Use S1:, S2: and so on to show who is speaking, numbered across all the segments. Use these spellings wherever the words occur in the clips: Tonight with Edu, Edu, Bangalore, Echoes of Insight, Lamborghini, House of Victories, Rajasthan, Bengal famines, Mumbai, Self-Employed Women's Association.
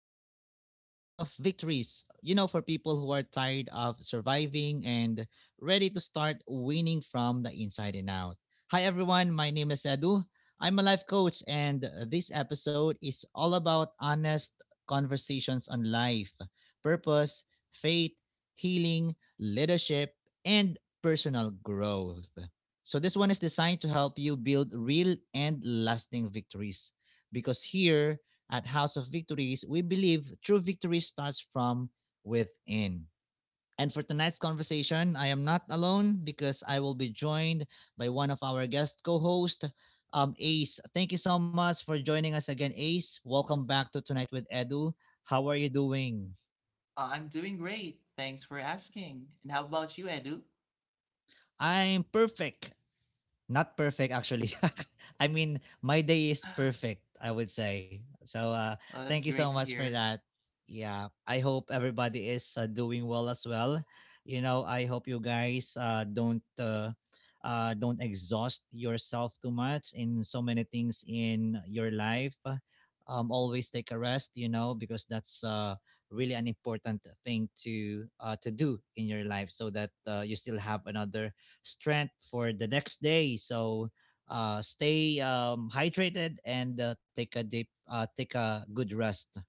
S1: of House of Victories. You know, for people who are tired of surviving and ready to start winning from the inside and out. Hi, everyone. My name is Edu. I'm a life coach, and this episode is all about honest conversations on life, purpose, faith, healing, leadership, and personal growth. So, this one is designed to help you build real and lasting victories because here at House of Victories, we believe true victory starts from within. And for tonight's conversation, I am not alone because I will be joined by one of our guest co hosts, Ace. Thank you so much for joining us again, Ace. Welcome back to Tonight with Edu. How are you doing?
S2: I'm doing great. Thanks for asking. And how about you, Edu?
S1: I'm perfect. Not perfect actually. I mean, my day is perfect, I would say. So
S2: Well,
S1: thank
S2: that's
S1: you so
S2: great to
S1: much for
S2: hear.
S1: that. Yeah, I hope everybody is doing well as well. You know, I hope you guys don't exhaust yourself too much in so many things in your life. Always take a rest, you know, because that's really an important thing to do in your life so that you still have another strength for the next day. So stay hydrated and take a take a good rest.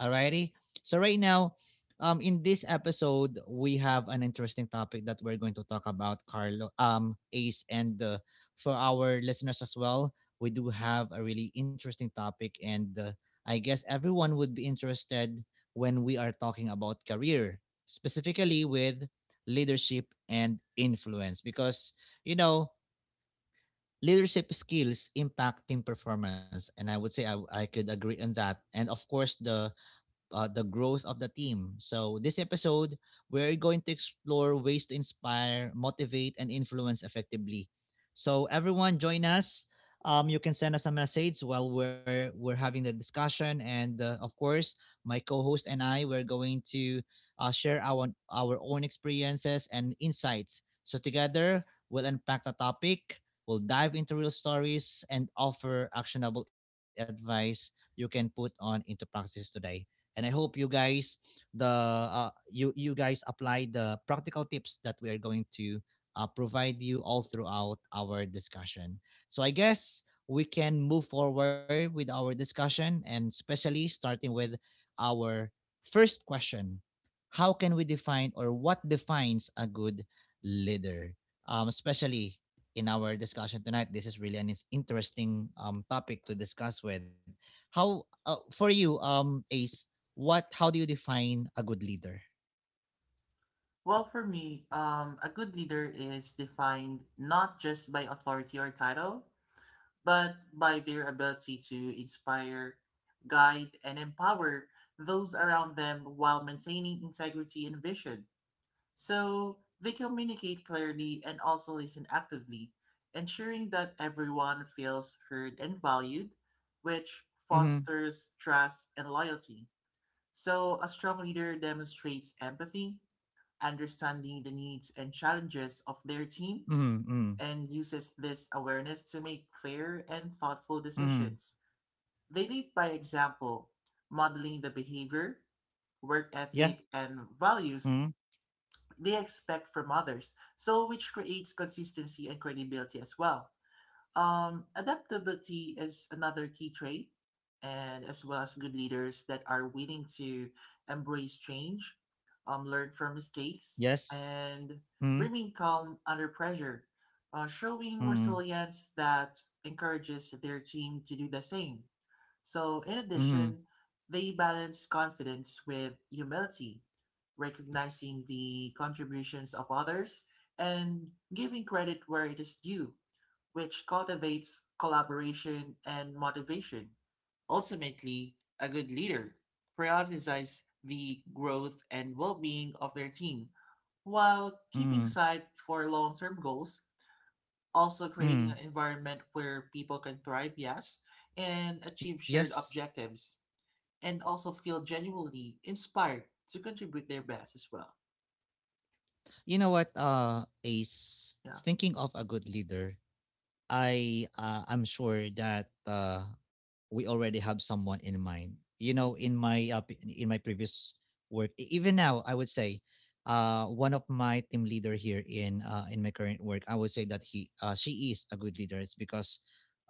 S1: Alrighty. So right now, in this episode, we have an interesting topic that we're going to talk about, Carlo, Ace, and for our listeners as well, we do have a really interesting topic, and I guess everyone would be interested when we are talking about career, specifically with leadership and influence, because you know leadership skills impact team performance, and I would say I could agree on that, and of course the growth of the team. So, this episode, we're going to explore ways to inspire, motivate, and influence effectively. So, everyone, join us. You can send us a message while we're having the discussion, and of course, my co-host and I we're going to share our own experiences and insights. So together, we'll unpack the topic, we'll dive into real stories, and offer actionable advice you can put on into practice today, and I hope you guys the you guys apply the practical tips that we are going to provide you all throughout our discussion. So I guess we can move forward with our discussion, and especially starting with our first question. How can we define, or what defines a good leader, especially in our discussion tonight? This is really an interesting topic to discuss with. How for you, Ace? What? How do you define a good leader?
S2: Well, for me, a good leader is defined not just by authority or title, but by their ability to inspire, guide, and empower those around them while maintaining integrity and vision. So they communicate clearly and also listen actively, ensuring that everyone feels heard and valued, which
S1: Mm-hmm.
S2: fosters trust and loyalty. So a strong leader demonstrates empathy, understanding the needs and challenges of their team,
S1: Mm-hmm. Mm-hmm.
S2: and uses this awareness to make fair and thoughtful
S1: Mm-hmm.
S2: decisions. They lead by example, modeling the behavior, work
S1: Yeah.
S2: ethic, and values
S1: Mm-hmm.
S2: they expect from others. So, which creates consistency and credibility as well. Adaptability is another key trait, and as well as good leaders that are willing to embrace change, learn from mistakes,
S1: Yes.
S2: and
S1: Mm-hmm.
S2: remain calm under pressure, showing
S1: Mm-hmm.
S2: resilience that encourages their team to do the same. So, in
S1: Mm-hmm.
S2: addition, they balance confidence with humility recognizing the contributions of others, and giving credit where it is due, which cultivates collaboration and motivation. Ultimately, a good leader prioritizes the growth and well being of their team while
S1: Mm-hmm.
S2: keeping sight for long term goals, also creating
S1: Mm-hmm.
S2: an environment where people can thrive, yes, and achieve shared
S1: Yes.
S2: objectives and also feel genuinely inspired to contribute their best as well.
S1: You know what, Ace?
S2: Yeah.
S1: Thinking of a good leader, I'm sure that we already have someone in mind. You know, in my previous work, even now, I would say, one of my team leader here in my current work, I would say that he she is a good leader. It's because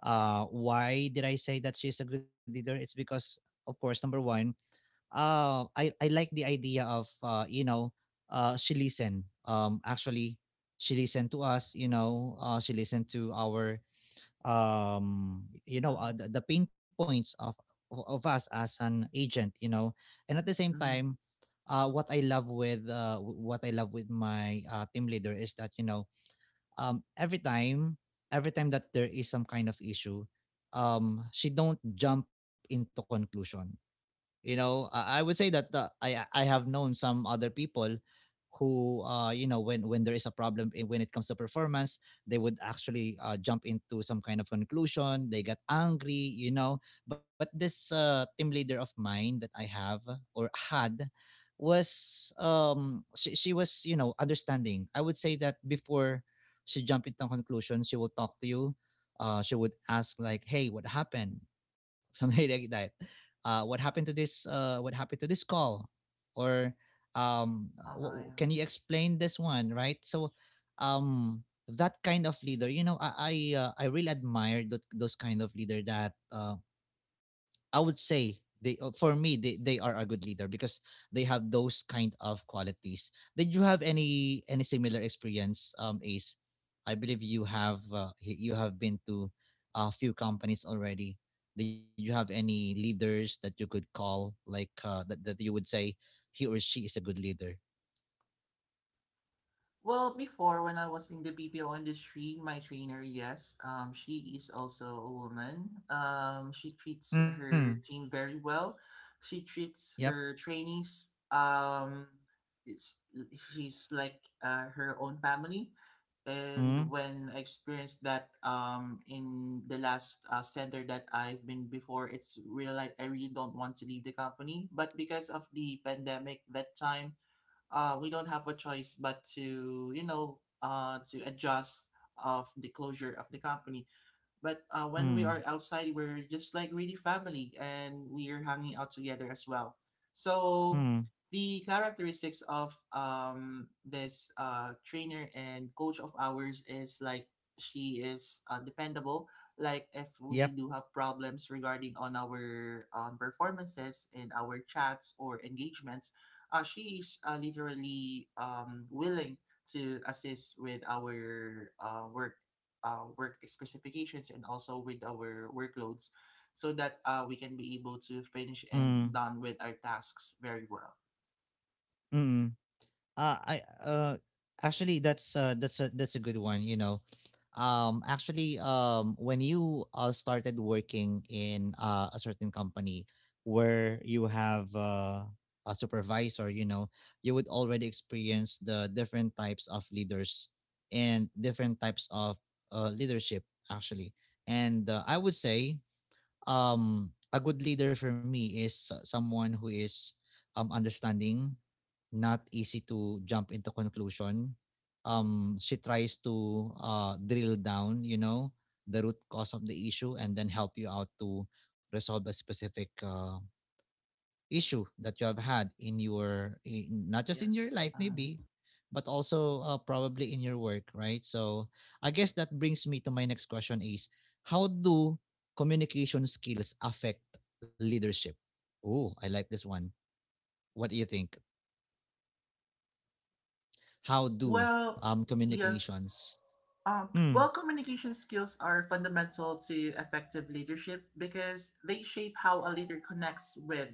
S1: why did I say that she's a good leader? It's because, of course, number one, I like the idea of you know, she listen. Actually, she listened to us, you know, she listened to our you know uh,
S2: Uh-huh.
S1: the, the pain points of us as an agent, you know, and at the same
S2: Mm-hmm.
S1: time what I love what I love with my team leader is that, you know, every time, every time that there is some kind of issue, she don't jump into conclusion, you know. I would say that I have known some other people who you know, when there is a problem when it comes to performance, they would actually jump into some kind of conclusion, they got angry, you know. But this team leader of mine that I have or had was she was, you know, understanding. I would say that before she jumped into conclusion, she will talk to you, she would ask like, "Hey, what happened?" Something like that. What happened to this call, or
S2: Uh-huh, yeah.
S1: can you explain this one, right? So that kind of leader, you know, I really admire those kind of leader that I would say they for me, they are a good leader because they have those kind of qualities. Did you have any similar experience, Ace? I believe you have you have been to a few companies already. Did you have any leaders that you could call like that you would say he or she is a good leader?
S2: Well, before when I was in the BPO industry, my trainer, yes, she is also a woman. She treats
S1: Mm.
S2: her team very well. She
S1: Yep.
S2: treats her trainees, it's, she's like her own family. And
S1: Mm.
S2: when I experienced that in the last center that I've been before, it's real like I really don't want to leave the company. But because of the pandemic that time, we don't have a choice but to adjust of the closure of the company. But when
S1: Mm.
S2: we are outside, we're just like really family and we are hanging out together as well. So
S1: Mm.
S2: the characteristics of this trainer and coach of ours is like she is dependable. Like if we
S1: Yep.
S2: do have problems regarding on our performances in our chats or engagements, she is literally willing to assist with our work specifications and also with our workloads so that we can be able to finish and
S1: Mm.
S2: done with our tasks very well.
S1: Mm. I uh actually that's a good one, you know. Actually, when you started working in a certain company where you have a supervisor, you know, you would already experience the different types of leaders and different types of leadership actually. And I would say a good leader for me is someone who is understanding, not easy to jump into conclusion. She tries to drill down, you know, the root cause of the issue, and then help you out to resolve a specific issue that you have had in your not just in
S2: Yes.
S1: your life maybe, but also probably in your work, right? So I guess that brings me to my next question is, how do communication skills affect leadership? Oh, I like this one. What do you think? How do
S2: Well, yes.
S1: communications? Mm,
S2: Well, communication skills are fundamental to effective leadership because they shape how a leader connects with,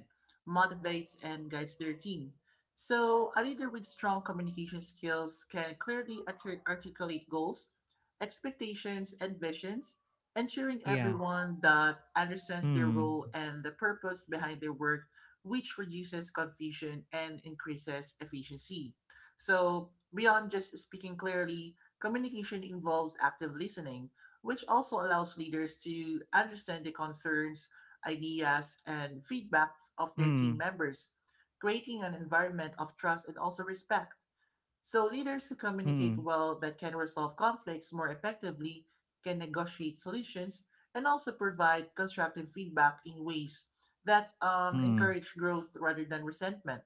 S2: motivates, and guides their team. So, a leader with strong communication skills can clearly articulate goals, expectations, and visions, ensuring
S1: yeah.
S2: everyone that understands their
S1: Mm,
S2: role and the purpose behind their work, which reduces confusion and increases efficiency. So, beyond just speaking clearly, communication involves active listening, which also allows leaders to understand the concerns, ideas, and feedback of their
S1: mm,
S2: team members, creating an environment of trust and also respect. So, leaders who communicate
S1: mm,
S2: well but can resolve conflicts more effectively can negotiate solutions and also provide constructive feedback in ways that
S1: mm,
S2: encourage growth rather than resentment.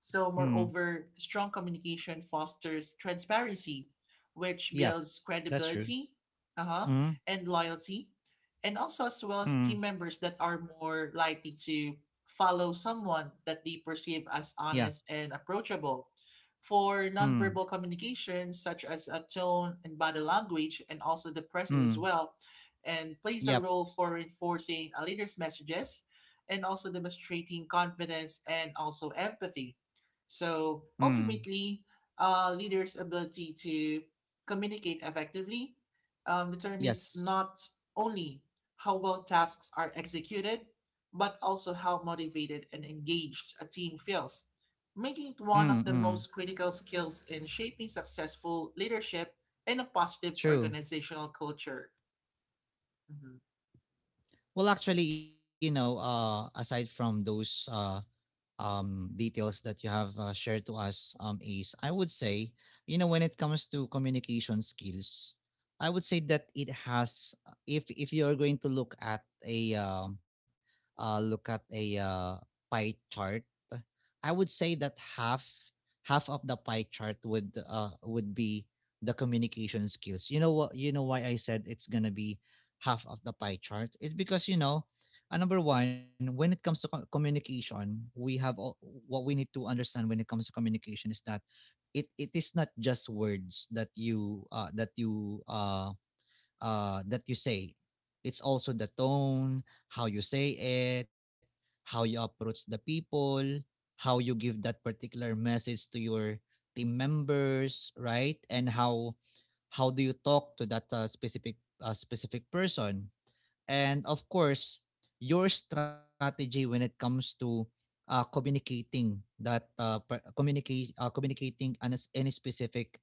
S2: So,
S1: mm.
S2: moreover, strong communication fosters transparency, which
S1: Yep,
S2: builds
S1: that's true.
S2: credibility, uh-huh,
S1: Mm,
S2: and loyalty, and also as well as team
S1: mm,
S2: members that are more likely to follow someone that they perceive as
S1: yeah.
S2: honest and approachable. For
S1: Mm,
S2: nonverbal communication, such as a tone and body language, and also the presence as
S1: mm,
S2: well, and plays a
S1: yep.
S2: role for reinforcing a leader's messages and also demonstrating confidence and also empathy. So
S1: Mm.
S2: ultimately, leaders' ability to communicate effectively determines
S1: Yes.
S2: not only how well tasks are executed, but also how motivated and engaged a team feels, making it one of the
S1: Mm,
S2: most critical skills in shaping successful leadership and a positive
S1: true.
S2: organizational culture. Mhm.
S1: Well, actually, you know, aside from those, details that you have shared to us, Ace, I would say, you know, when it comes to communication skills, I would say that it has. If you are going to look at a pie chart, I would say that half half of the pie chart would be the communication skills. You know what? You know why I said it's gonna be half of the pie chart? It's because, you know, number one, when it comes to communication, we have all, what we need to understand when it comes to communication is that it is not just words that you that you that you say. It's also the tone, how you say it, how you approach the people, how you give that particular message to your team members, right? And how do you talk to that specific person, and of course your strategy when it comes to communicating that communicate communicating any specific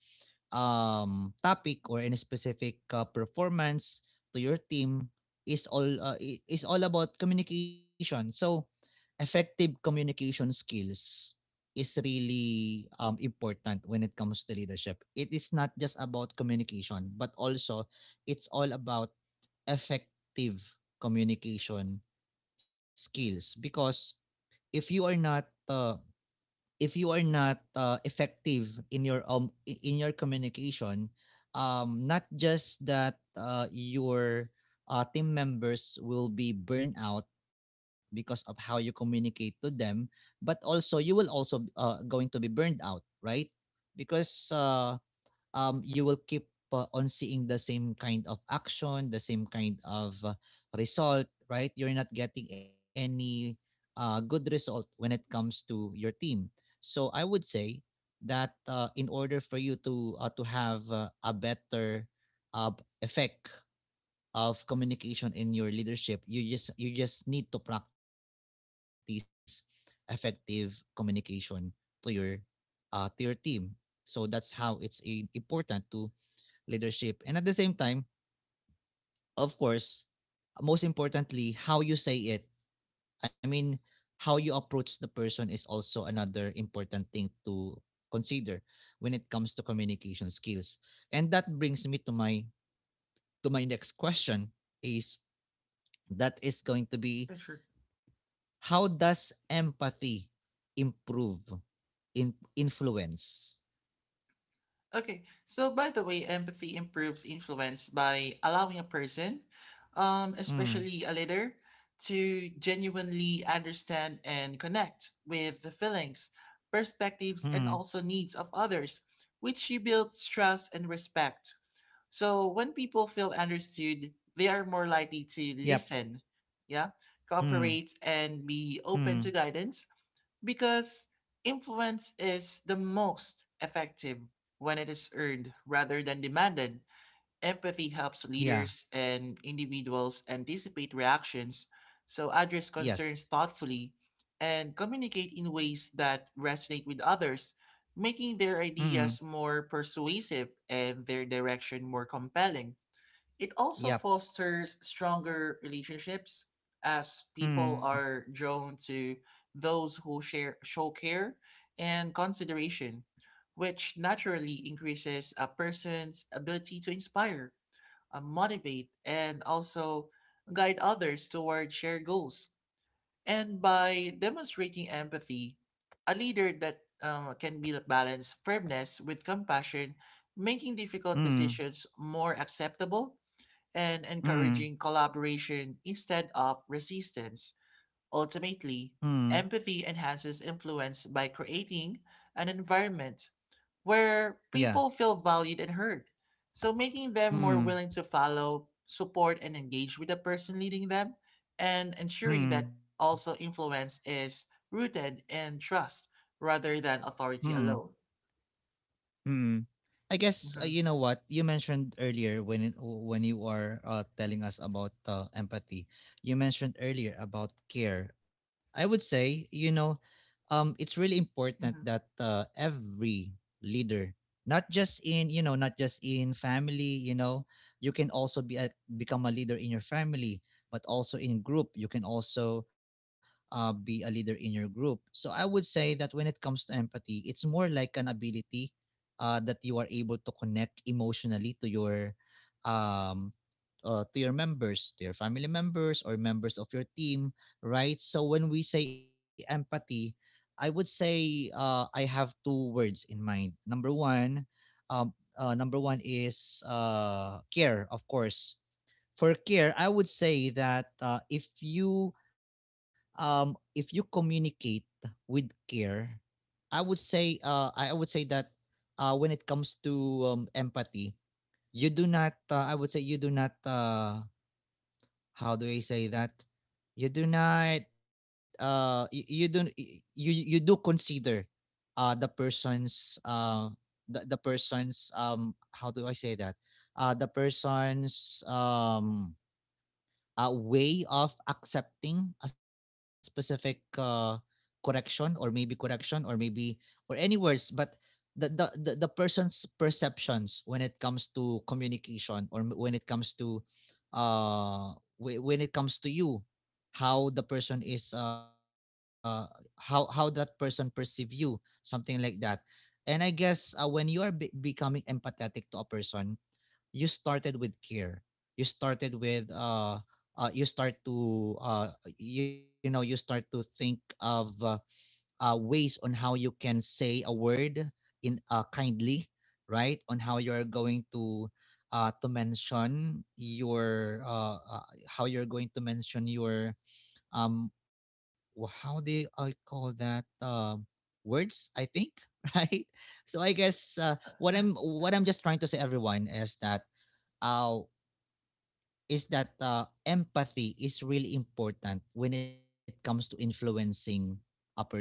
S1: topic or any specific performance to your team is all is all about communication. So effective communication skills is really important when it comes to leadership. It is not just about communication, but also it's all about effective communication skills, because if you are not if you are not effective in your communication, not just that your team members will be burned out because of how you communicate to them, but also you will also going to be burned out, right? Because you will keep on seeing the same kind of action, the same kind of result, right? You're not getting any good result when it comes to your team. So I would say that in order for you to have a better uh, effect of communication in your leadership, you just need to practice effective communication to your to your team. So that's how it's important to leadership. And at the same time, of course, most importantly, how you say it. I mean, how you approach the person is also another important thing to consider when it comes to communication skills. And that brings me to my next question is, that is going to
S2: Yeah,
S1: be,
S2: sure.
S1: how does empathy improve in influence?
S2: Okay, so by the way, empathy improves influence by allowing a person, especially
S1: Mm,
S2: a leader, to genuinely understand and connect with the feelings, perspectives, and
S1: mm,
S2: also needs of others, which you build trust and respect. So when people feel understood, they are more likely to
S1: yep.
S2: listen, yeah, cooperate,
S1: Mm,
S2: and be
S1: mm,
S2: open to guidance because influence is the most effective when it is earned rather than demanded. Empathy helps leaders
S1: yeah.
S2: and individuals anticipate reactions, so address concerns
S1: Yes.
S2: thoughtfully, and communicate in ways that resonate with others, making their ideas
S1: Mm,
S2: more persuasive and their direction more compelling. It also
S1: yep.
S2: fosters stronger relationships as people
S1: Mm,
S2: are drawn to those who share show care and consideration, which naturally increases a person's ability to inspire, motivate, and also guide others toward shared goals. And by demonstrating empathy, a leader that can be balance firmness with compassion, making difficult decisions
S1: mm,
S2: more acceptable and encouraging
S1: mm,
S2: collaboration instead of resistance. Ultimately,
S1: mm,
S2: empathy enhances influence by creating an environment where people
S1: yeah,
S2: feel valued and heard, so making them more willing
S1: mm,
S2: to follow, support, and engage with the person leading them, and ensuring
S1: mm,
S2: that also influence is rooted in trust rather than authority
S1: mm,
S2: alone.
S1: mm. I guess,
S2: Hmm.
S1: you know what you mentioned earlier when when you are telling us about empathy. You mentioned earlier about care. I would say it's really important that
S2: Hmm.
S1: every leader, not just in not just in family. You can also be become a leader in your family, but also in group. You can also be a leader in your group. So I would say that when it comes to empathy, it's more like an ability that you are able to connect emotionally um to your members, to your family members or members of your team, right? So when we say empathy, I would say I have two words in mind. Um, number one is care, of course. For care, I would say that if you communicate with care, I would say that when it comes to empathy, you do not I would say you do not how do I say that? You do not you, you don't y- you do consider the person's the person's how do I say that? The person's way of accepting a specific correction or maybe or any words but the person's perceptions when it comes to communication or when it comes to uh when it comes to you, how the person is how that person perceive you, something like that. And I guess when you are becoming empathetic to a person, you started with care, you started with you start to you know, you start to think of ways on how you can say a word in kindly, right, on how you're going to mention your how you're going to mention your um how do I call that words, I think right. So I guess what I'm
S2: Yeah.
S1: just trying to say, everyone, uh, is that empathy is really important when it comes to influencing a person.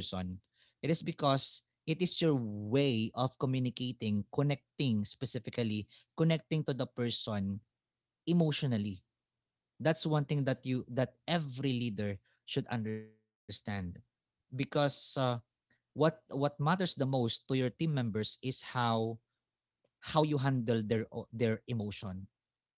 S1: It is because it is your way of communicating, connecting specifically, connecting to the person emotionally. That's one thing that you that every leader should understand, because what matters the most to your team members is how you handle their their emotion.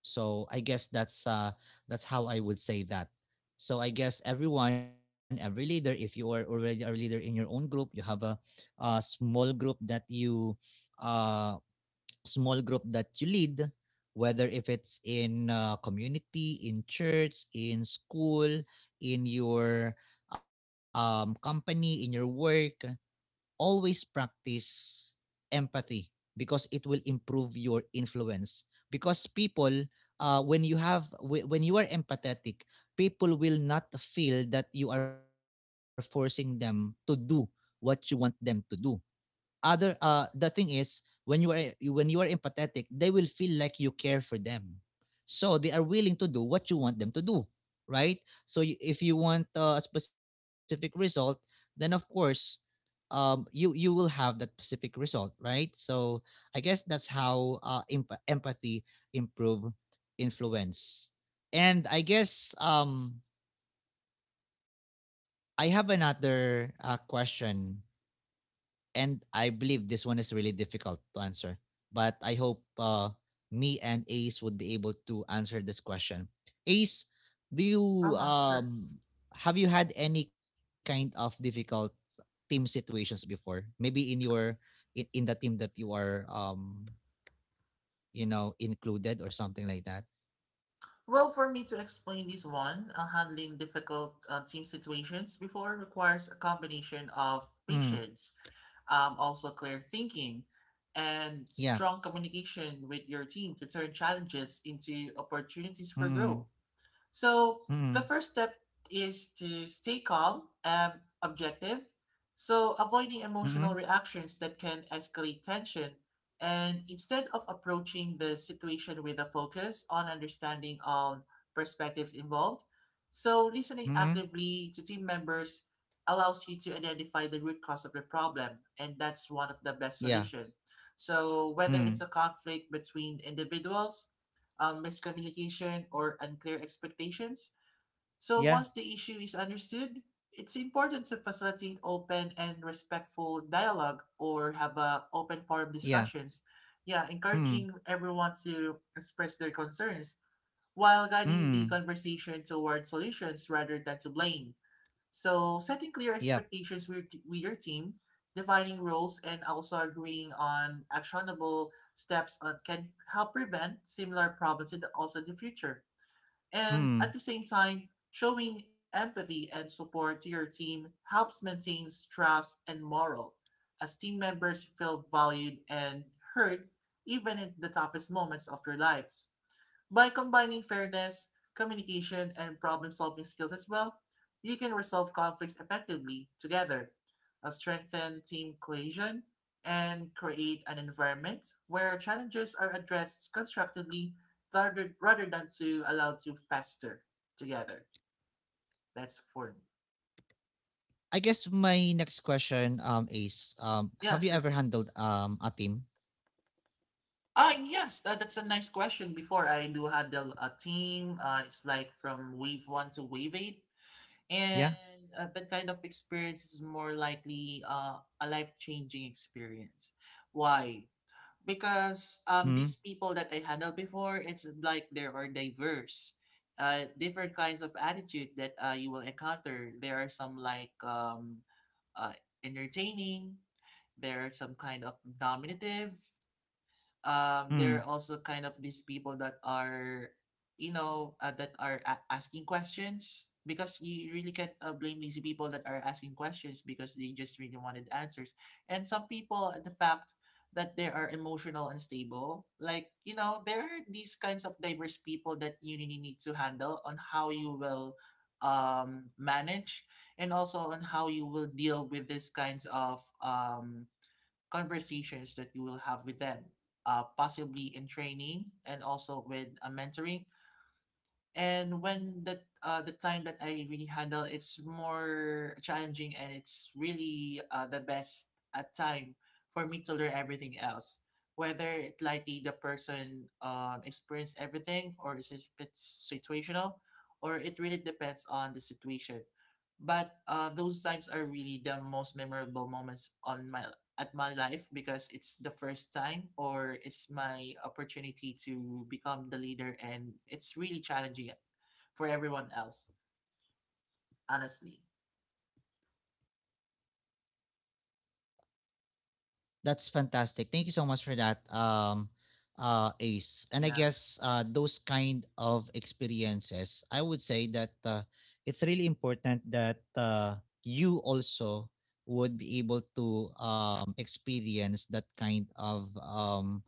S1: So I guess that's how I would say that. So I guess everyone, every leader, if you are already a leader in your own group, you have a small group that you uh small group that you lead, whether if it's in community, in church, in school, in your company, in your work, always practice empathy because it will improve your influence. Because people when you have when you are empathetic, people will not feel that you are forcing them to do what you want them to do. Other the thing is, when you are, when you are empathetic, they will feel like you care for them, so they are willing to do what you want them to do, right? So if you want a specific result, then of course you you will have that specific result, right? So I guess that's how empathy improve influence. And I guess I have another question, and I believe this one is really difficult to answer, but I hope me and Ace would be able to answer this question. Ace, do you
S2: Uh huh. Sure.
S1: um have you had any kind of difficult team situations before? Maybe in your, in the team that you are you know included or something like that.
S2: Well, for me to explain this one, handling difficult team situations before requires a combination of
S1: Mm.
S2: patience, also clear thinking, and
S1: Yeah.
S2: strong communication with your team to turn challenges into opportunities for
S1: Mm.
S2: growth. So the
S1: Mm.
S2: first step is to stay calm and objective. So avoiding
S1: Mm.
S2: emotional reactions that can escalate tension. And instead of approaching the situation with a focus on understanding on perspectives involved, so listening
S1: Mm.
S2: actively to team members allows you to identify the root cause of the problem, and that's one of the
S1: Yeah.
S2: best solution. So whether
S1: Mm.
S2: it's a conflict between individuals miscommunication, or unclear expectations. So
S1: Yeah.
S2: once the issue is understood, it's important to facilitate open and respectful dialogue or have a open forum
S1: Yeah.
S2: discussions. Yeah,
S1: Mm.
S2: encouraging everyone to express their concerns while guiding the
S1: Mm.
S2: conversation towards solutions rather than to blame. So setting
S1: Yep.
S2: clear expectations with your team, defining roles, and also agreeing on actionable steps on, can help prevent similar problems in the, also in the future. And at the
S1: Mm.
S2: same time, showing empathy and support to your team helps maintain trust and morale as team members feel valued and heard even in the toughest moments of your lives. By combining fairness, communication, and problem solving skills as well, you can resolve conflicts effectively together, strengthen team cohesion, and create an environment where challenges are addressed constructively rather than to allow to fester together. That's for me.
S1: I guess my next question is
S2: Yeah,
S1: have you
S2: sure.
S1: ever handled a team?
S2: Ah, yes, that's a nice question. Before I do handle a team, it's like from wave one to wave eight. And
S1: Yeah.
S2: that kind of experience is more likely a life changing experience. Why? Because these
S1: Mm.
S2: people that I handled before, it's like they are diverse. Different kinds of attitude that you will encounter. There are some like uh, entertaining, there are some kind of dominative, there are
S1: Mm.
S2: also kind of these people that are asking questions because you really can't blame these people that are asking questions because they just really wanted answers and some people the fact that they are emotional and stable, like there are these kinds of diverse people that you really need to handle on how you will manage and also on
S1: Yeah.
S2: how you will deal with these kinds
S1: So
S2: of
S1: I guess, you know, from what you're saying right
S2: conversations
S1: now,
S2: that you will have with them,
S1: Ace, is
S2: possibly in
S1: that
S2: training and
S1: basically you
S2: also with a
S1: already
S2: mentoring.
S1: experienced that
S2: And when that
S1: particular,
S2: the time that I really handle,
S1: uh,
S2: it's
S1: you know, that
S2: more challenging
S1: particular
S2: and it's really
S1: situations,
S2: the
S1: right?
S2: best
S1: And so I
S2: time
S1: guess
S2: for me to learn
S1: um,
S2: everything else. Whether it likely the person experienced everything or it's situational, or it really depends on the situation but those times are really the most memorable moments on my at my life because it's the first time or it's my opportunity to become the leader and it's really challenging for everyone else honestly.
S1: that's fantastic. Thank you so much for that, Ace. And I
S2: Yes.
S1: guess those kind of experiences, I would say that it's really important that you also would be able to experience that kind of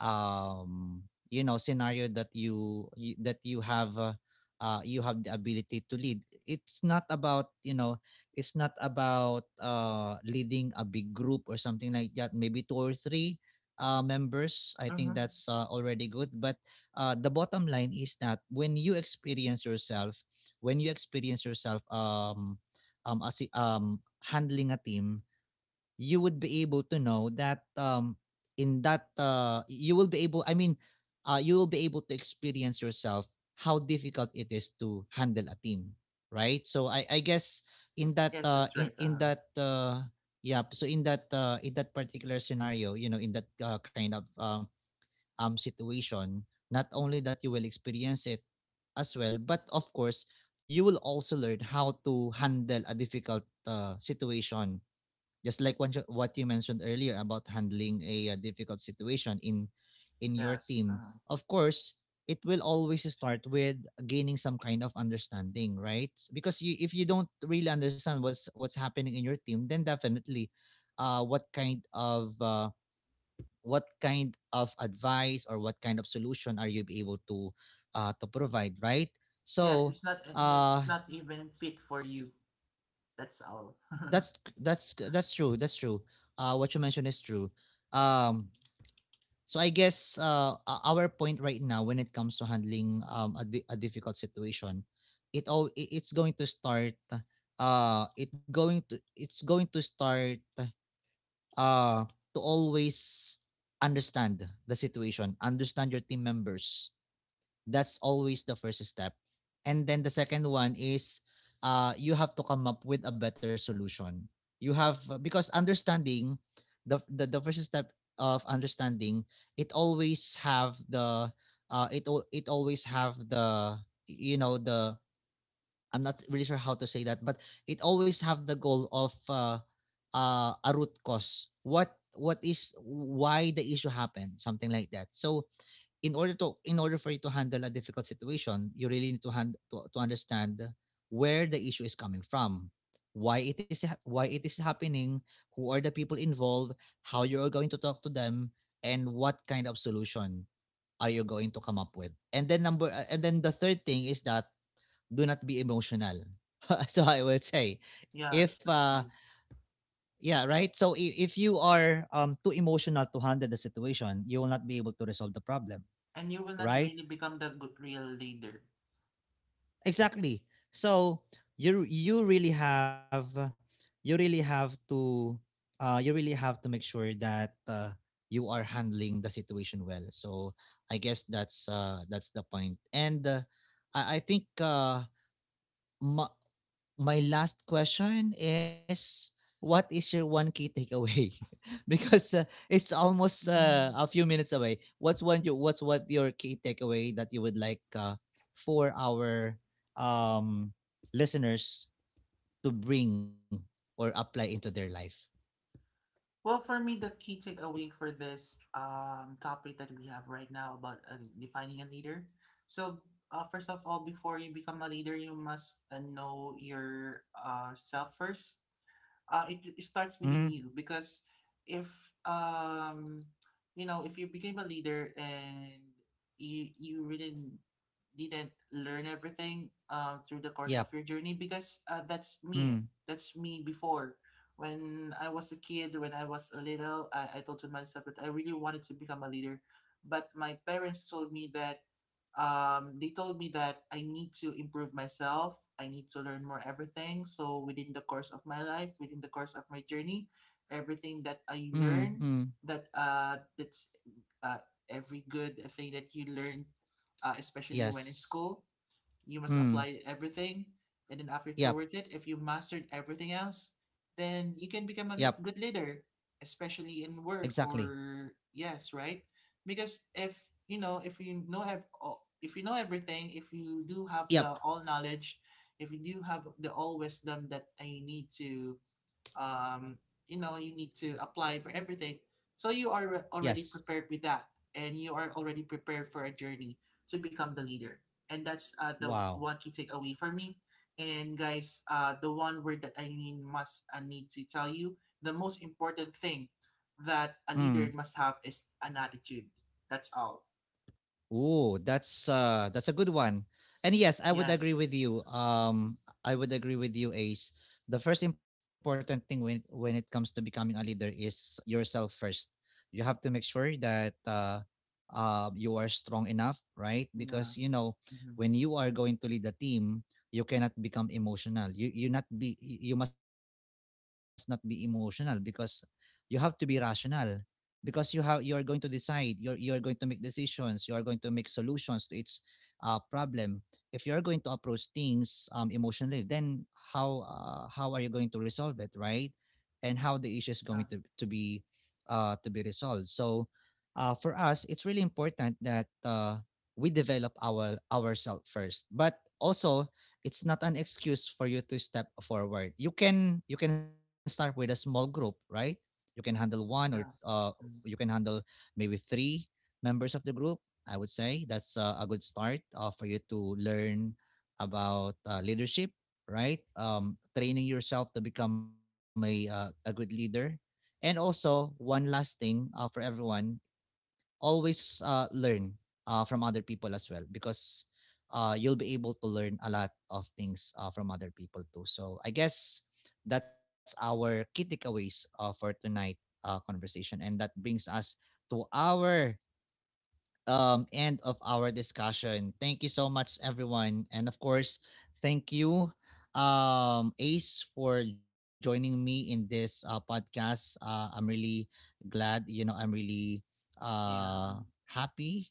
S1: um you know scenario, that you that you have the ability to lead. It's not about you know, it's not about leading a big group or something like that, maybe two or three members, I think
S2: Mm-hmm.
S1: that's already good. But the bottom line is that when you experience yourself, when you experience yourself um as handling a team, you would be able to know that um, in that you will be able, I mean you will be able to experience yourself how difficult it is to handle a team, right? So I guess in that
S2: Yes, that's right.
S1: yeah, so in that particular scenario, you know, in that kind of situation, not only that you will experience it as well, but of course you will also learn how to handle a difficult situation, just like what you mentioned earlier about handling a, difficult situation in your
S2: Yes.
S1: team. Of course, it will always start with gaining some kind of understanding, right? Because you, if you don't really understand what's happening in your team, then definitely uh what kind of uh, what kind of advice or what kind of solution are you able to provide, right?
S2: Yes,
S1: So
S2: it's not and it's
S1: uh
S2: not even fit for you, that's all.
S1: that's true, that's true. What you mentioned is true. Um, so I guess, o our point right now when it comes to handling, a difficult situation, it's going to start, it's going to start, uh, to always understand the situation, understand your team members. That's always the first step. And then the second one is, you have to come up with a better solution. You have because understanding the first step of understanding, it always have the it always have the, you know, the, I'm not really sure how to say that, but it always have the goal of a root cause, what is why the issue happened, something like that. So in order to, in order for you to handle a difficult situation, you really need to to understand where the issue is coming from, why it is happening, who are the people involved, how you are going to talk to them, and what kind of solution are you going to come up with. And then the third thing is that, do not be emotional. So I would say, if
S2: Yes, that's true.
S1: yeah, right. So if you are too emotional to handle the situation, you will not be able to resolve the problem,
S2: And you will not
S1: right?
S2: really become the good real leader.
S1: Exactly. So you you really have to you really have to make sure that you are handling the situation well. So I guess that's the point. And I think Ma my last question is, what is your one key takeaway? Because, it's almost, a
S2: Mm-hmm.
S1: few minutes away. What's one you what's what your key takeaway that you would like, for our, um, listeners to bring or apply into their life?
S2: Well, for me, the key takeaway for this topic that we have right now about defining a leader. So, first of all, before you become a leader, you must know your self first. It
S1: Mm.
S2: starts within you because if um, if you became a leader and you really didn't learn everything through the course of
S1: Yep.
S2: your journey because that's me.
S1: Mm,
S2: That's me before. When I was a kid, when I was a little, I told to myself that I really wanted to become a leader. But my parents told me that they told me that I need to improve myself. I need to learn more everything. So within the course of my life, within the course of my journey, everything that I
S1: mm,
S2: learn,
S1: mm.
S2: that's uh, every good thing that you learn, especially when in
S1: Yes.
S2: school, you must
S1: Mm.
S2: apply everything. And then after
S1: Yep.
S2: towards it, if you mastered everything else, then you can
S1: Yep.
S2: become a good leader, especially in work
S1: Exactly.
S2: or yes, right? Because if you know have all, if you know everything, if you do have the
S1: Yep.
S2: all knowledge, if you do have the all wisdom that I need to um, you need to apply for everything so you are
S1: Yes.
S2: already prepared with that and you are already prepared for a journey to become the leader and that's the
S1: Wow.
S2: one key takeaway for me. And guys, the one word that I need to tell you the most important thing that a
S1: Mm.
S2: leader must have is an attitude. That's all.
S1: Ooh, that's a good one. And yes, I would agree
S2: Yes.
S1: with you. Um, I would agree with you, Ace. The first important thing when it comes to becoming a leader is yourself first. You have to make sure that you are strong enough, right? Because,
S2: Yes.
S1: you know,
S2: Mm-hmm.
S1: when you are going to lead a team, you cannot become emotional. You must not be emotional, because you have to be rational, because you are going to decide, you are going to make decisions, you are going to make solutions to its problem. If you are going to approach things emotionally, then how, how are you going to resolve it, right? And how the issue is
S2: uh,
S1: going to be resolved. So for us, it's really important that we develop our ourselves first. But also, it's not an excuse for you to step forward. You can, you can start with a small group, right? You can handle one or
S2: yes.
S1: you can
S2: Mm.
S1: handle maybe three members of the group. I would say that's a good start for you to learn about leadership, right? Training yourself to become a good leader. And also one last thing for everyone, always learn from other people as well, because you'll be able to learn a lot of things from other people too. So I guess that's our key takeaways for tonight conversation, and that brings us to our end of our discussion. Thank you so much, everyone. And of course, thank you, Ace, for joining me in this podcast. I'm really glad, you know, I'm really uh,
S2: Yeah.
S1: happy,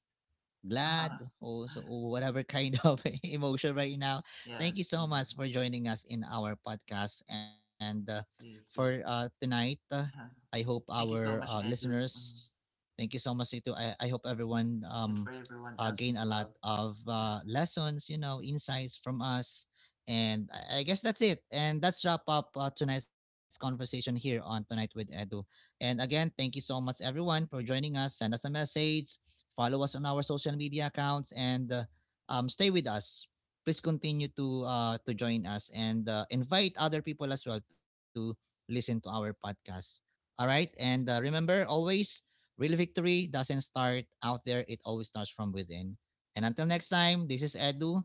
S1: glad, or so, or whatever kind of emotion right now. Thank you
S2: Yes, I
S1: so
S2: know.
S1: much for joining us in our podcast and for
S2: Me too.
S1: tonight.
S2: Uh,
S1: I hope
S2: Thank you
S1: our
S2: so much, Edu,
S1: listeners. Thank you so much you I hope everyone
S2: and for everyone else
S1: gain
S2: as
S1: a lot
S2: well.
S1: of
S2: Yeah.
S1: lessons, you know, insights from us. And I guess that's it. And that's wrap up tonight's conversation here on Tonight with Edu. And again, thank you so much, everyone, for joining us. Send us a message. Follow us on our social media accounts and stay with us. Please continue to join us and invite other people as well to listen to our podcast. All right, and remember always, real victory doesn't start out there; it always starts from within. And until next time, this is Edu.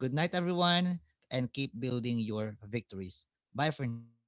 S1: Good night, everyone, and keep building your victories. Bye for now.